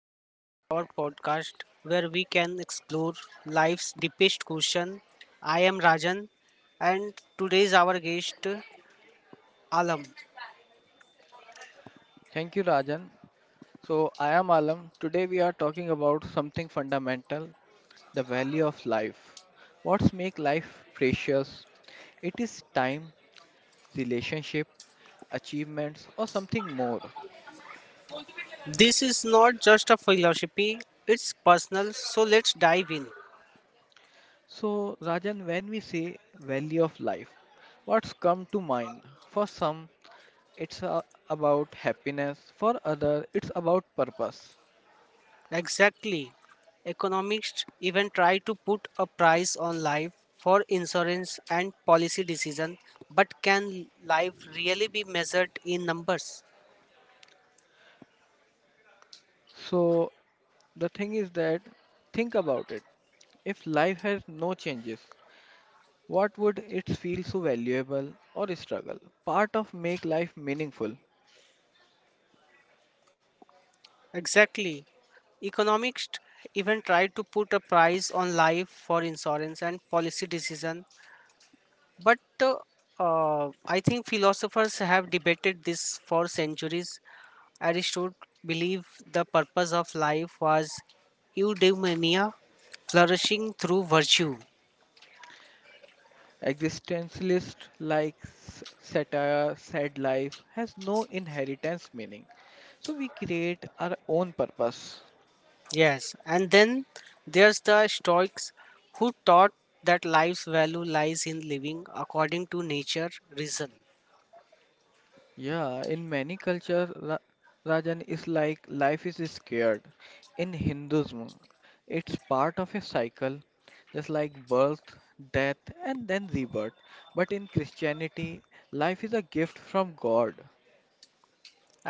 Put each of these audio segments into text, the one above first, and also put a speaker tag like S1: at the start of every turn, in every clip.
S1: Welcome to our podcast where we can explore life's deepest question. I am Rajan, and today's our guest, Alam.
S2: Thank you, Rajan. So, I am Alam. Today, we are talking about something fundamental, the value of life. What's make life precious? It is time, relationship, achievements, or something more.
S1: This is not just a philosophy, it's personal, so let's dive in.
S2: So, Rajan, when we say value of life, what's come to mind? For some, it's about happiness, for others, it's about purpose.
S1: Exactly. Economists even try to put a price on life for insurance and policy decision, but can life really be measured in numbers?
S2: So, the thing is that think about it. If life has no changes, what would it feel so valuable or struggle? Part of make life meaningful.
S1: Exactly. Economists even tried to put a price on life for insurance and policy decision. But I think philosophers have debated this for centuries. Aristotle believed the purpose of life was eudaimonia, flourishing through virtue.
S2: Existentialist like satire said life has no inheritance meaning. So we create our own purpose.
S1: Yes, and then there's the Stoics who taught that life's value lies in living according to nature, reason.
S2: Yeah, in many cultures, Rajan is like life is scared. In Hinduism, it's part of a cycle, just like birth, death, and then rebirth. But in Christianity, life is a gift from God.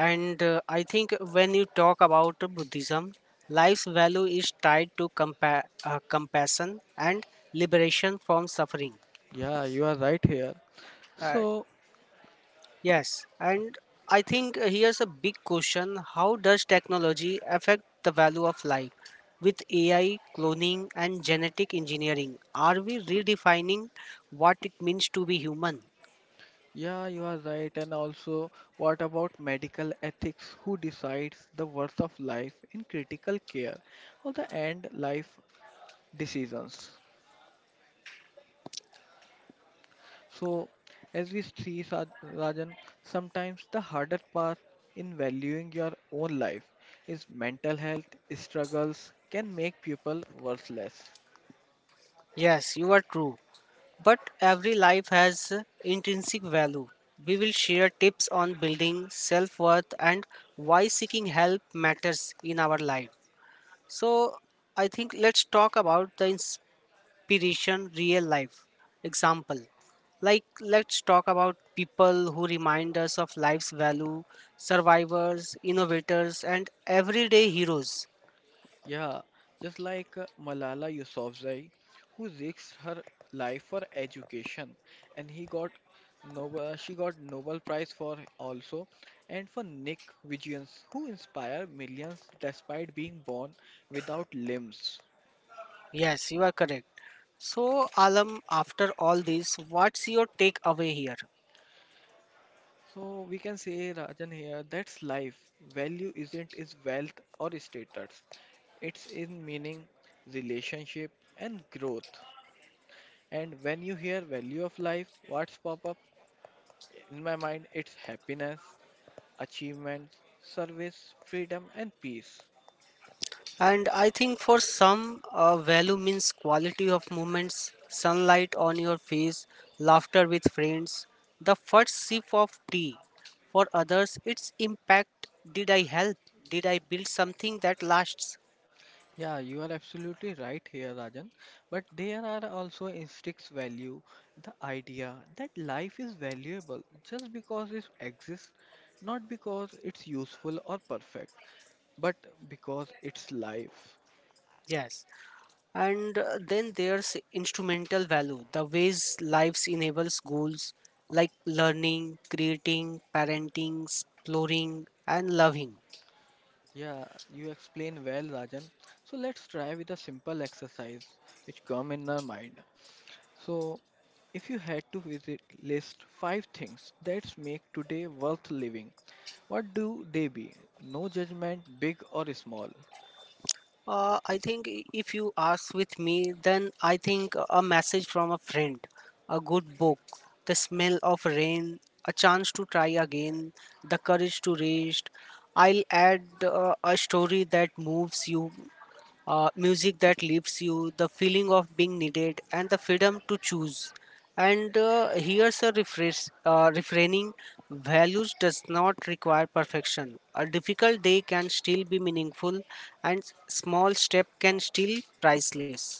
S1: And I think when you talk about Buddhism, life's value is tied to compassion and liberation from suffering.
S2: Yeah, you are right here.
S1: Uh,
S2: So,
S1: yes, and I think here's a big question: how does technology affect the value of life? With AI, cloning, and genetic engineering, are we redefining what it means to be human?
S2: yeah, you are right. And also, what about medical ethics? Who decides the worth of life in critical care or the end life decisions? So, as we see, Rajan, sometimes the harder part in valuing your own life is mental health struggles can make people worthless.
S1: Yes, you are true. But every life has intrinsic value. We will share tips on building self worth and why seeking help matters in our life. So, I think let's talk about the inspiration real life example. Like, let's talk about people who remind us of life's value, survivors, innovators, and everyday heroes.
S2: Yeah, just like Malala Yousafzai, who risked her life for education, and he got she got Nobel Prize for also, and for Nick Vigils, who inspire millions despite being born without limbs.
S1: Yes, you are correct. So, Alam, after all this, what's your takeaway here?
S2: So we can say, Rajan here, that's life. Value isn't is wealth or status. It's in meaning, relationship, and growth. And when you hear value of life, what's pop up? In my mind, it's happiness, achievement, service, freedom, and peace.
S1: And I think for some, value means quality of moments, sunlight on your face, laughter with friends, the first sip of tea. For others, it's impact. Did I help? Did I build something that lasts?
S2: Yeah, you are absolutely right here, Rajan. But there are also instincts value, the idea that life is valuable just because it exists, not because it's useful or perfect, but because it's life.
S1: Yes. And then there's instrumental value, the ways lives enables goals like learning, creating, parenting, exploring, and loving.
S2: Yeah, you explain well, Rajan. So let's try with a simple exercise which come in our mind. So, if you had to visit, list five things that make today worth living, what do they be? No judgment, big or small.
S1: I think if you ask with me, then I think a message from a friend, a good book, the smell of rain, a chance to try again, the courage to rest. I'll add a story that moves you, music that lifts you, the feeling of being needed, and the freedom to choose. And here's a refraining values does not require perfection. A difficult day can still be meaningful, and small step can still priceless.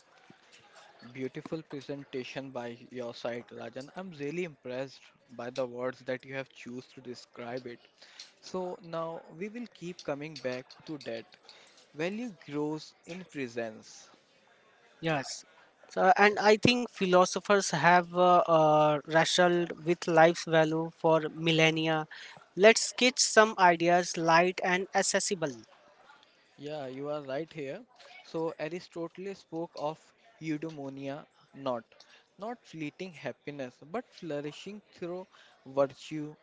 S2: Beautiful presentation by your side, Rajan. I'm really impressed by the words that you have choose to describe it. So now we will keep coming back to that. Value grows in presence.
S1: Yes. So, and I think philosophers have wrestled with life's value for millennia. Let's sketch some ideas light and accessible.
S2: Yeah, you are right here. So Aristotle spoke of eudaimonia, not not fleeting happiness, but flourishing through virtue,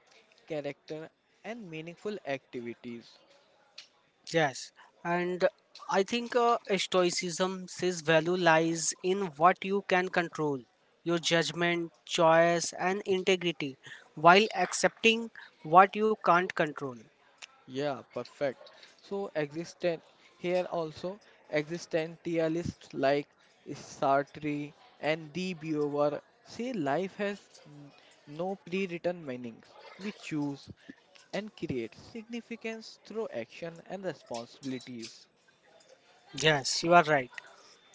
S2: character, and meaningful activities.
S1: Yes, and I think Stoicism says value lies in what you can control your judgment, choice, and integrity while accepting what you can't control.
S2: Yeah, perfect. So existent here also existentialists like Sartre and De Beauvoir say life has n- no pre-written meanings. We choose and create significance through action and responsibilities.
S1: Yes, you are right.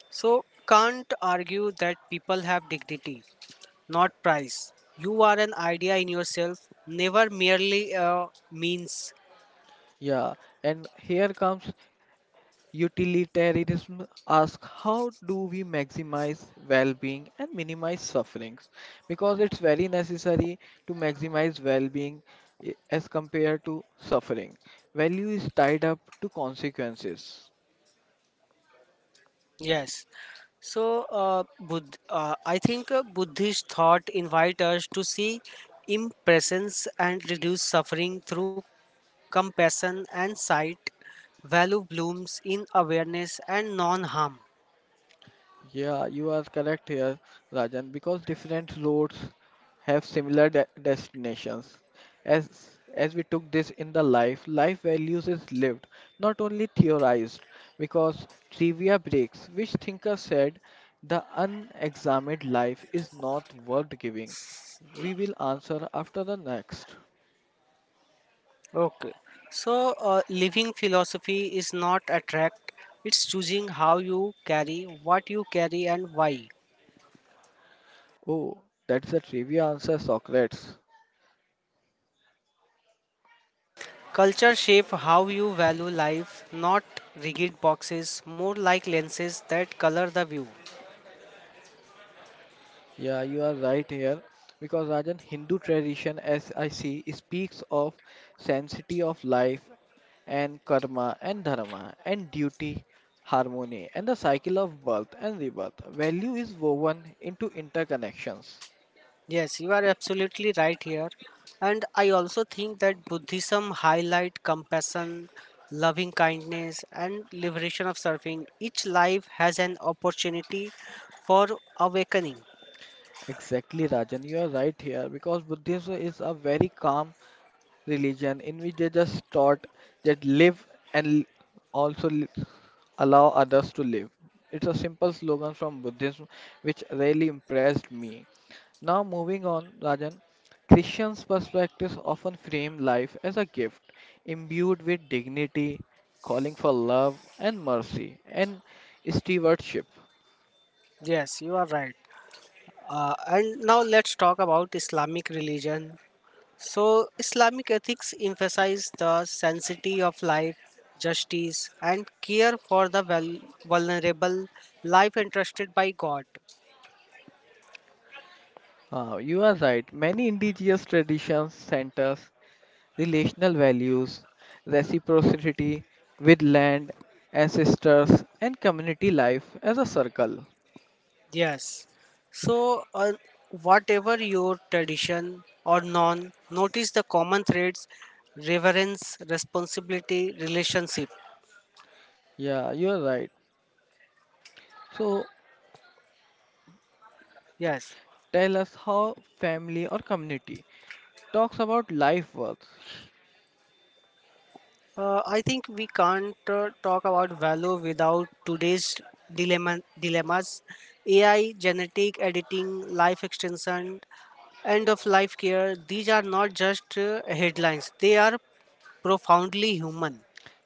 S1: So, can't argue that people have dignity, not price. You are an idea in yourself, never merely a means.
S2: Yeah, and here comes Utilitarianism asks how do we maximize well-being and minimize sufferings because it's very necessary to maximize well-being as compared to suffering. Value is tied up to consequences.
S1: Yes. So, I think Buddhist thought invite us to see impressions and reduce suffering through compassion and sight. Value blooms in awareness and non-harm.
S2: Yeah, you are correct here, Rajan, because different roads have similar de destinations. As we took this in the life, life values is lived, not only theorized, because trivia breaks, which thinker said the unexamined life is not worth giving. We will answer after the next.
S1: Okay. So, living philosophy is not attract; it's choosing how you carry, what you carry, and why.
S2: Oh, that's a trivia answer, Socrates.
S1: Culture shape how you value life, not rigid boxes, more like lenses that color the view.
S2: Yeah, you are right here because Rajan Hindu tradition, as I see, speaks of sanctity of life and karma and dharma and duty, harmony and the cycle of birth and rebirth. Value is woven into interconnections.
S1: Yes, you are absolutely right here. And I also think that Buddhism highlight compassion, loving kindness and liberation of suffering. Each life has an opportunity for awakening.
S2: Exactly, Rajan, you are right here because Buddhism is a very calm religion in which they just taught that live and l- also li- allow others to live. It's a simple slogan from Buddhism which really impressed me. Now, moving on, Rajan, Christians' perspectives often frame life as a gift imbued with dignity, calling for love and mercy, and stewardship.
S1: Yes, you are right. And now let's talk about Islamic religion. So Islamic ethics emphasize the sanctity of life, justice and care for the vulnerable life entrusted by God.
S2: You are right, many indigenous traditions centers relational values, reciprocity with land, ancestors, and community life as a circle.
S1: Yes. So, whatever your tradition or non, notice the common threads reverence, responsibility, relationship.
S2: Yeah, you're right. So
S1: Yes.
S2: tell us how family or community talks about life worth.
S1: I think we can't talk about value without today's dilemmas: AI, genetic editing, life extension, end of life care. These are not just headlines, they are profoundly human.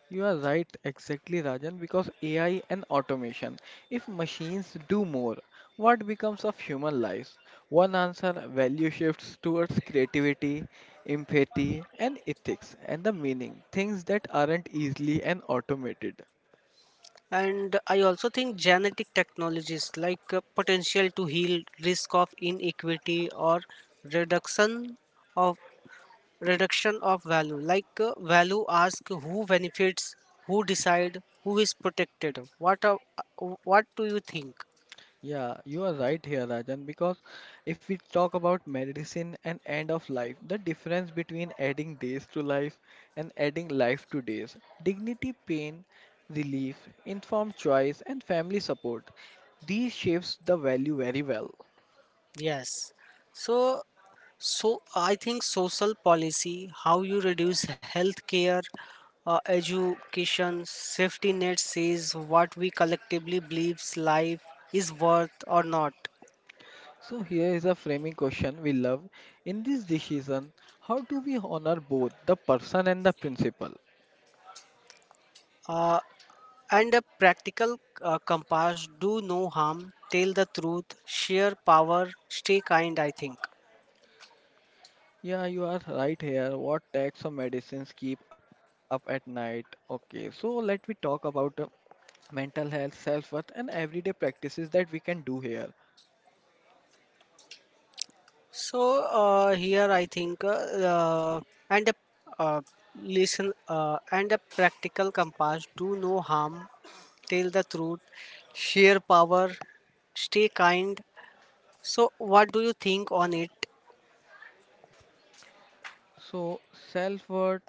S2: You are right, exactly, Rajan, because AI and automation. If machines do more, what becomes of human lives? One answer value shifts towards creativity, empathy, and ethics, and the meaning, things that aren't easily and automated.
S1: And I also think genetic technologies like potential to heal risk of inequity or reduction of reduction of value. Like value ask who benefits, who decide, who is protected. What do you think?
S2: Yeah, you are right here, Rajan, because if we talk about medicine and end of life, the difference between adding days to life and adding life to days, dignity, pain, relief, informed choice, and family support, these shapes the value very well.
S1: Yes. So, so I think social policy, how you reduce healthcare, education, safety net says what we collectively believes life is worth or not.
S2: So here is a framing question we love. In this decision, how do we honor both the person and the principle?
S1: Uh, and a practical compass, do no harm, tell the truth, share power, stay kind, I think.
S2: Yeah, you are right here. What tax or medicines keep up at night? Okay, so let me talk about mental health, self-worth, and everyday practices that we can do here.
S1: So here I think and a uh, and a practical compass do no harm, tell the truth, share power, stay kind. So what do you think on it?
S2: So, self-worth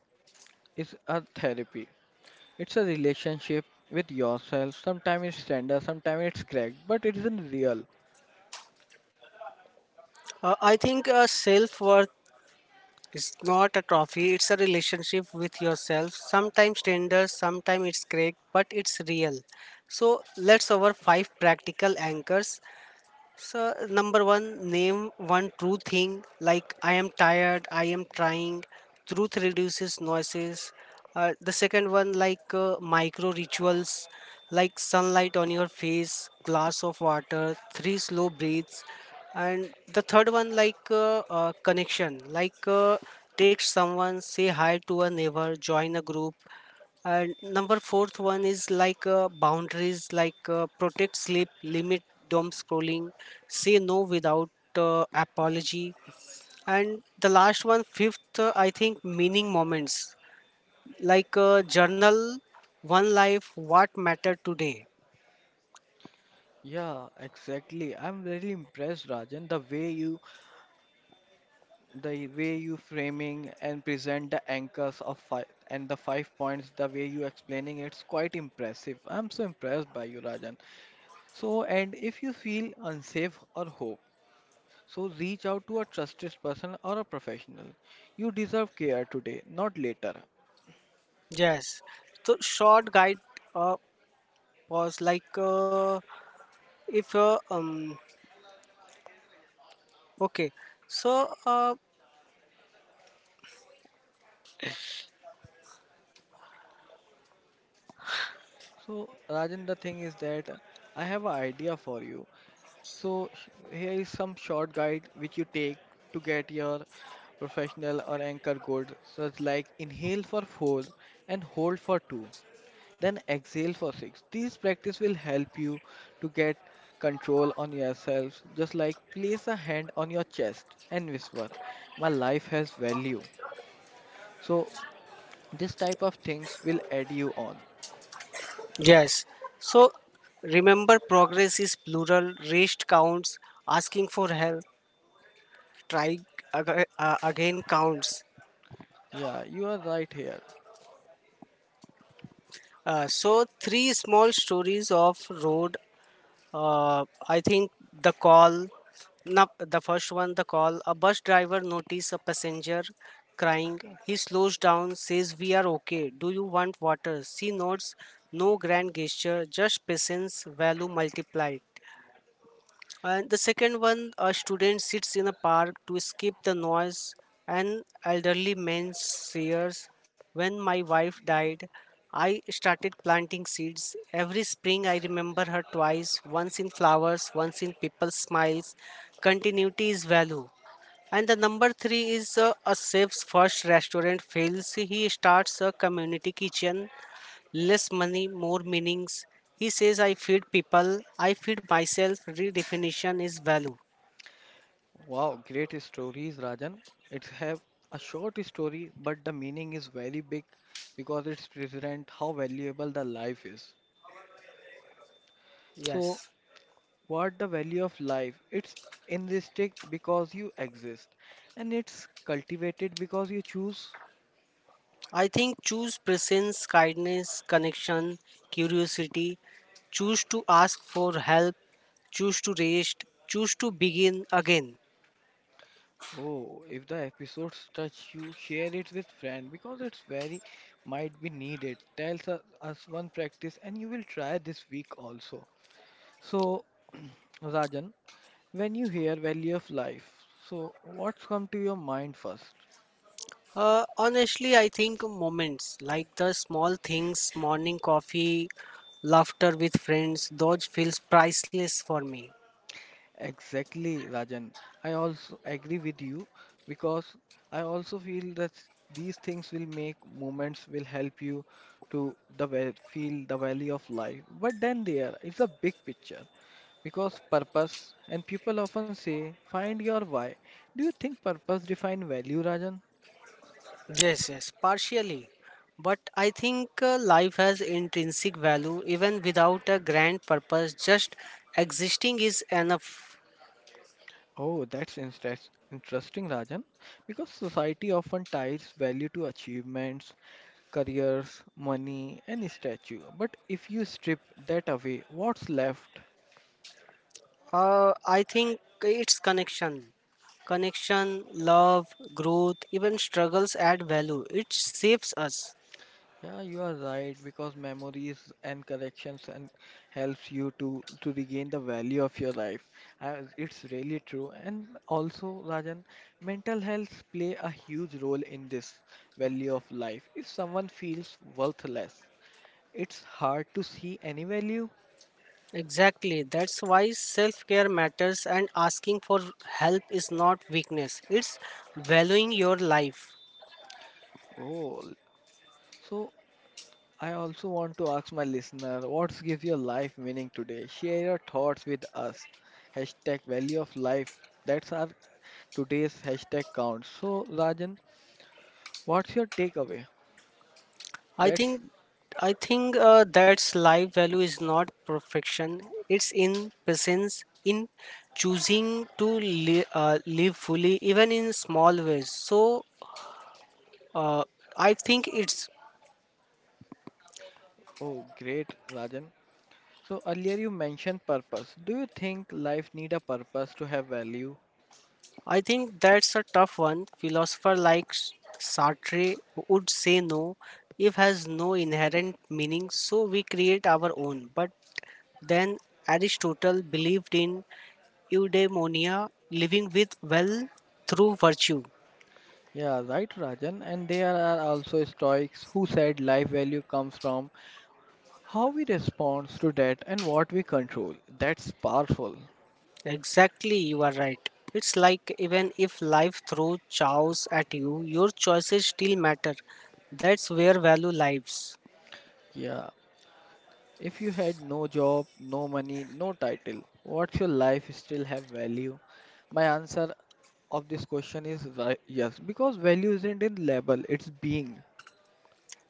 S2: is a therapy. It's a relationship with yourself. Sometimes it's tender, sometimes it's cracked, but it isn't real.
S1: I think self worth is not a trophy; it's a relationship with yourself. Sometimes tender, sometimes it's cracked, but it's real. So let's over five practical anchors. So, number one, name one true thing like I am tired, I am trying. Truth reduces noises. The second one, like micro rituals, like sunlight on your face, glass of water, three slow breaths. And the third one, like connection, like text someone, say hi to a neighbor, join a group. And number fourth one is like boundaries, like protect sleep, limit dom scrolling, say no without apology. And the last one, fifth, I think meaning moments, like journal, one life, what mattered today.
S2: Yeah, exactly. I'm really impressed, Rajan, the way you framing and present the anchors of five and the five points, the way you explaining it's quite impressive. I'm so impressed by you, Rajan. So, and if you feel unsafe or hope, so reach out to a trusted person or a professional. You deserve care today, not later.
S1: Yes. So short guide uh, pause like if okay so
S2: So, Rajan, the thing is that I have an idea for you. So here is some short guide which you take to get your professional or anchor gold, such like inhale for four and hold for two, then exhale for six. These practice will help you to get control on yourself. Just like place a hand on your chest and whisper, "My life has value." So this type of things will add you on.
S1: Yes. So remember, progress is plural. Rest counts. Asking for help, trying again counts.
S2: Yeah, you are right here.
S1: So three small stories of road. I think the call. No, The first one, the call. A bus driver noticed a passenger crying. He slows down, says, "We are okay. Do you want water?" She nods. No grand gesture, just patience value multiplied. And the second one, a student sits in a park to escape the noise. An elderly man shares, when my wife died, I started planting seeds. Every spring, I remember her twice, once in flowers, once in people's smiles. Continuity is value. And the number three is a chef's first restaurant fails. He starts a community kitchen. Less money, more meanings. He says, I feed people, I feed myself. Redefinition is value.
S2: Wow, great stories, Rajan. It's have a short story, but the meaning is very big because it's present how valuable the life is. So,
S1: Yes.
S2: what the value of life? It's intrinsic because you exist, and it's cultivated because you choose.
S1: I think choose presence, kindness, connection, curiosity. Choose to ask for help. Choose to rest. Choose to begin again.
S2: Oh, if the episodes touch you, share it with friend because it's very might be needed. Us one practice, and you will try this week also. So, Rajan. When you hear Valley of Life, so what's come to your mind first?
S1: Honestly, I think moments like the small things, morning coffee, laughter with friends, those feels priceless for me.
S2: Exactly, Rajan. I also agree with you because I also feel that these things will make moments will help you to the feel the value of life. But then there is a big picture because purpose and people often say find your why. Do you think purpose define value, Rajan?
S1: Yes, yes, partially. But I think life has intrinsic value even without a grand purpose. Just existing is enough.
S2: Oh, that's interesting, Rajan, because society often ties value to achievements, careers, money, and statue. But if you strip that away, what's left?
S1: I think it's connection. Connection, love, growth, even struggles add value. It saves us.
S2: Yeah, you are right because memories and corrections and helps you to regain the value of your life. It's really true. And also, Rajan, mental health play a huge role in this value of life. If someone feels worthless, it's hard to see any value.
S1: Exactly. That's why self care matters and asking for help is not weakness, it's valuing your life.
S2: Oh, so I also want to ask my listener, what gives your life meaning today? Share your thoughts with us. Hashtag value of life. That's our today's hashtag count. So, Rajan, what's your takeaway?
S1: I
S2: That's
S1: think I think that's life value is not perfection. It's in presence, in choosing to live fully, even in small ways. So uh, I think it's
S2: Oh, great, Rajan. So, earlier you mentioned purpose. Do you think life need a purpose to have value?
S1: I think that's a tough one. Philosopher like Sartre would say no if has no inherent meaning, so we create our own. But then Aristotle believed in eudaimonia, living with well through virtue.
S2: Yeah, right, Rajan. And there are also Stoics who said life value comes from how we respond to that and what we control. That's powerful.
S1: Exactly, you are right. It's like even if life throws chaos at you, your choices still matter. That's where value lives.
S2: Yeah, if you had no job, no money, no title, what's your life still have value? My answer of this question is yes, because value isn't in label, it's being.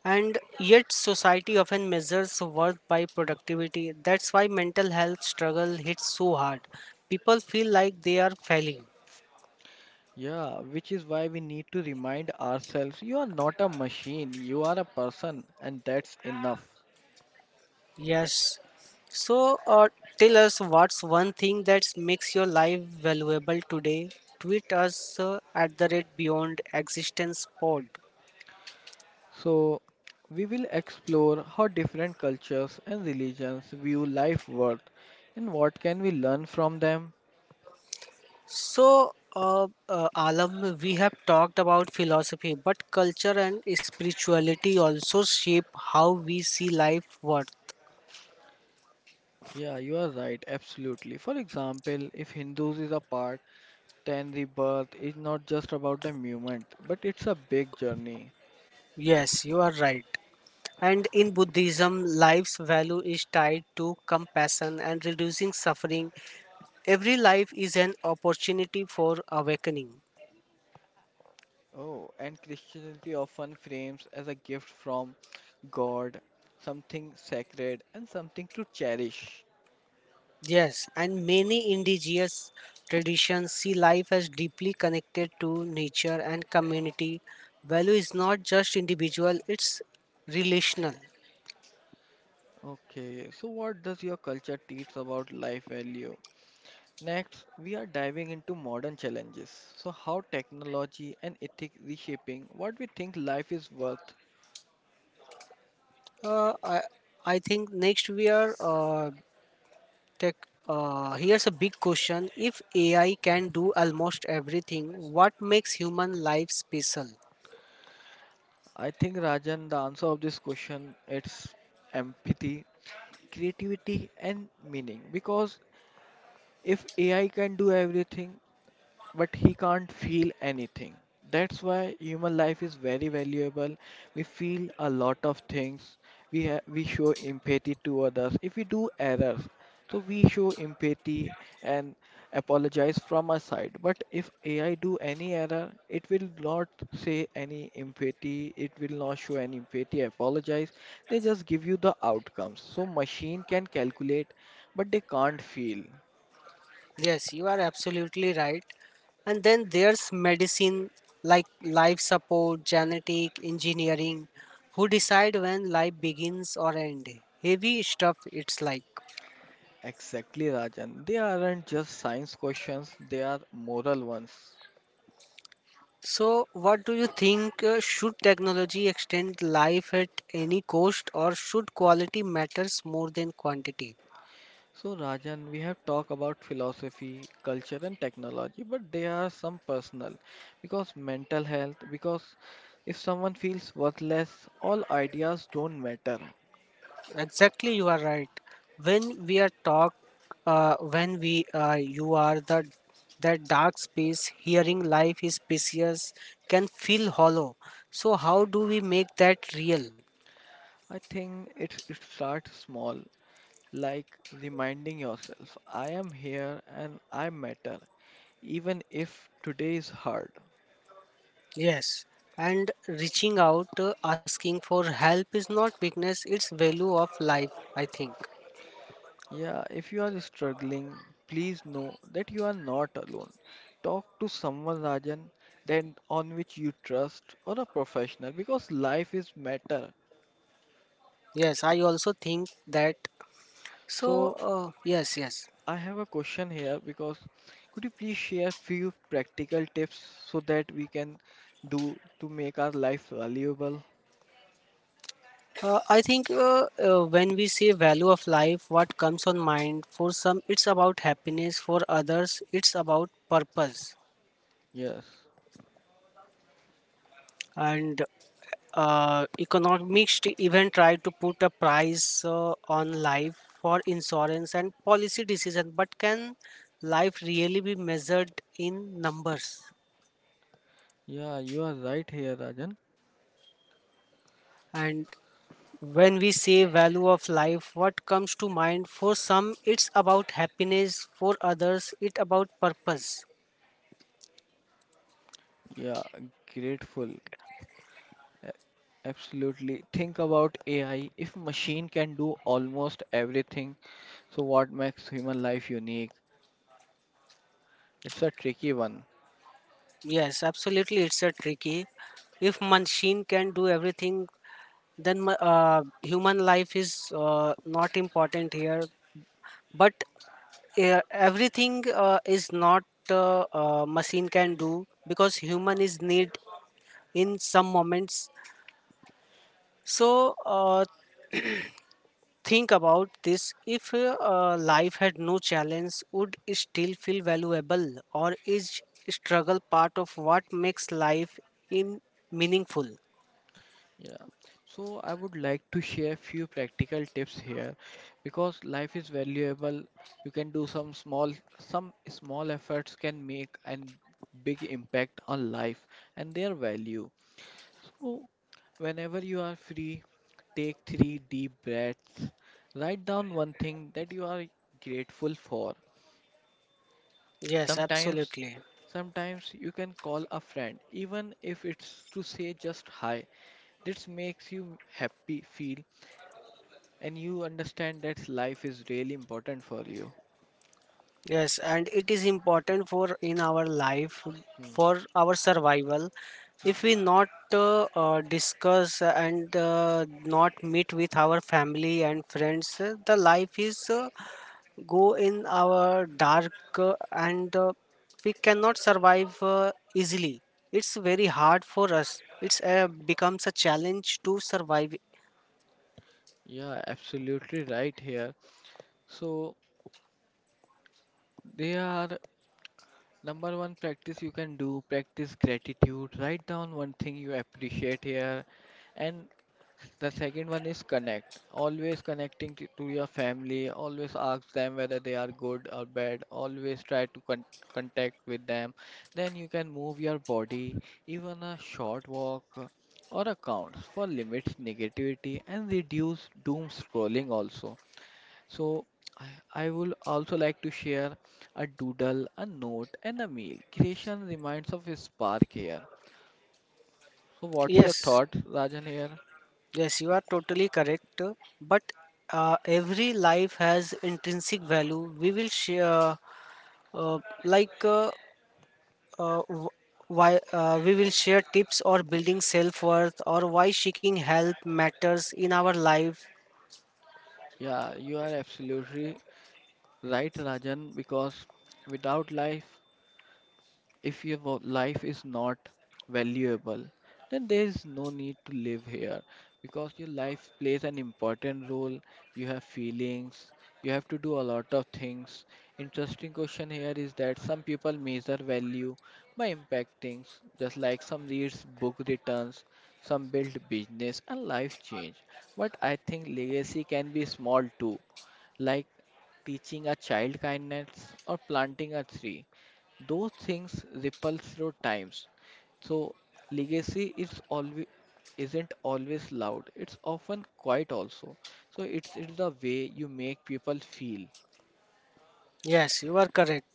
S1: And yet, society often measures worth by productivity. That's why mental health struggle hits so hard. People feel like they are failing.
S2: Yeah, which is why we need to remind ourselves you are not a machine, you are a person, and that's enough.
S1: Yes. So, tell us what's one thing that makes your life valuable today. Tweet us at the rate beyond existence pod.
S2: So, we will explore how different cultures and religions view life worth and what can we learn from them.
S1: So, Alam, we have talked about philosophy, but culture and spirituality also shape how we see life worth.
S2: Yeah, you are right, absolutely. For example, if Hindus is a part, then rebirth is not just about the movement, but it's a big journey.
S1: Yes, you are right. And in Buddhism, life's value is tied to compassion and reducing suffering. Every life is an opportunity for awakening.
S2: Oh, and Christianity often frames as a gift from God, something sacred and something to cherish.
S1: Yes, and many indigenous traditions see life as deeply connected to nature and community. Value is not just individual, it's relational.
S2: Okay, so what does your culture teach about life value? Next, we are diving into modern challenges. So, how technology and ethics reshaping what we think life is worth.
S1: Uh, I, I think next we are Tech, Here's a big question. If AI can do almost everything, what makes human life special?
S2: I think Rajan, the answer of this question it's empathy, creativity, and meaning. Because if AI can do everything, but he can't feel anything. That's why human life is very valuable. We feel a lot of things. We ha we show empathy to others. If we do errors, so we show empathy and apologize from our side. But if AI do any error, it will not say any empathy. It will not show any empathy, apologize. They just give you the outcomes. So machine can calculate, but they can't feel.
S1: Yes, you are absolutely right. And then there's medicine like life support, genetic, engineering. Who decide when life begins or end? Heavy stuff it's like.
S2: Exactly, Rajan. They aren't just science questions, they are moral ones.
S1: So, what do you think? Should technology extend life at any cost, or should quality matters more than quantity?
S2: So, Rajan, we have talked about philosophy, culture, and technology, but there are some personal because mental health, because if someone feels worthless, all ideas don't matter.
S1: Exactly, you are right. When we are talk, when we you are the that dark space, hearing life is precious can feel hollow. So how do we make that real?
S2: I think it starts small, like reminding yourself, I am here and I matter, even if today is hard.
S1: Yes, and reaching out, asking for help is not weakness; it's value of life. I think.
S2: Yeah, if you are struggling, please know that you are not alone. Talk to someone, Rajan, then on which you trust or a professional because life is matter.
S1: Yes, I also think that. So
S2: So
S1: uh, yes, yes.
S2: I have a question here because could you please share few practical tips so that we can do to make our life valuable?
S1: I think When we say value of life, what comes on mind for some, it's about happiness. For others, it's about purpose.
S2: Yes.
S1: And economist even tried to put a price on life for insurance and policy decision. But can life really be measured in numbers?
S2: Yeah, you are right here, Rajan.
S1: And when we say value of life, what comes to mind? For some, it's about happiness. For others, it about purpose.
S2: Yeah, grateful. Absolutely. Think about AI. If machine can do almost everything, so what makes human life unique? It's a tricky one.
S1: Yes, absolutely. It's a tricky. If machine can do everything, then human life is not important here. But everything is not machine can do because human is need in some moments. So, think about this: if life had no challenge, would it still feel valuable, or is struggle part of what makes life in meaningful?
S2: Yeah. So I would like to share few practical tips here because life is valuable. You can do some small efforts can make and big impact on life and their value. So, whenever you are free, take three deep breaths. Write down one thing that you are grateful for.
S1: Yes,
S2: Sometimes,
S1: absolutely.
S2: sometimes, you can call a friend, even if it's to say just hi. This makes you happy feel, and you understand that life is really important for you.
S1: Yes, and it is important for in our life
S2: Hmm.
S1: for our survival.
S2: Hmm.
S1: If we not discuss and not meet with our family and friends, the life is go in our dark and we cannot survive easily. It's very hard for us. It's becomes a challenge to survive.
S2: Yeah, absolutely right here. So there are number one practice you can do, practice gratitude. Write down one thing you appreciate here. And the second one is connect. Always connecting to your family. Always ask them whether they are good or bad. Always try to contact with them. Then you can move your body, even a short walk or accounts for limits negativity and reduce doom scrolling also. So I, I would also like to share a doodle, a note, and a meal. Creation reminds of a spark here. So what's your
S1: Yes.
S2: thought, Rajan here?
S1: Yes, you are totally correct. But every life has intrinsic value. We will share, uh, like, w- why we will share tips or building self worth or why seeking help matters in our life.
S2: Yeah, you are absolutely right, Rajan, because without life, if your life is not valuable, then there is no need to live here because your life plays an important role. You have feelings, you have to do a lot of things. Interesting question here is that some people measure value by impact things, just like some reads book returns, some build business and life change. But I think legacy can be small too, like teaching a child kindness or planting a tree. Those things ripple through times. So legacy is always isn't always loud. It's often quiet also. So it's the way you make people feel.
S1: Yes, you are correct.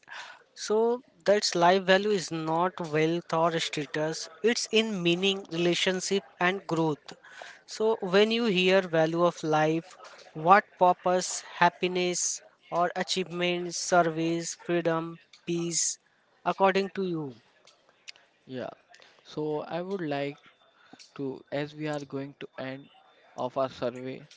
S1: So that's life value is not wealth or status. It's in meaning, relationship and growth. So when you hear value of life, what purpose, happiness or achievement, service, freedom, peace according to you?
S2: Yeah. So I would like to, as we are going to end of our survey.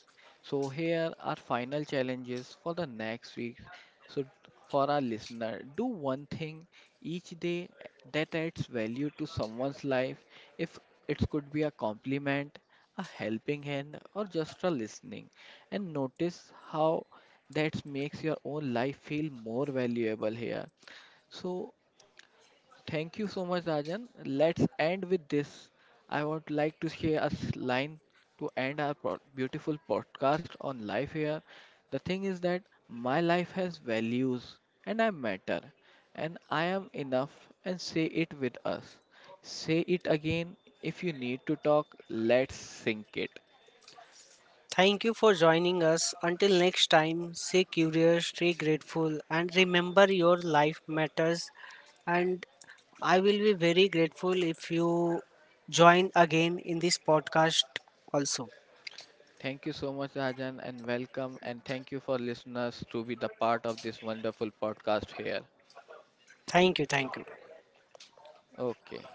S2: So here are final challenges for the next week. So for our listener, do one thing each day that adds value to someone's life. If it could be a compliment, a helping hand, or just a listening, and notice how that makes your own life feel more valuable here. So thank you so much, Rajan. Let's end with this. I would like to share a line to end our beautiful podcast on life here. The thing is that my life has values and I matter and I am enough and say it with us. Say it again if you need to talk, let's sync it.
S1: Thank you for joining us. Until next time, stay curious, stay grateful, and remember your life matters. And I will be very grateful if you join again in this podcast also.
S2: Thank you so much, Rajan, and welcome. And thank you for listeners to be the part of this wonderful podcast here.
S1: Thank you. Thank you.
S2: Okay.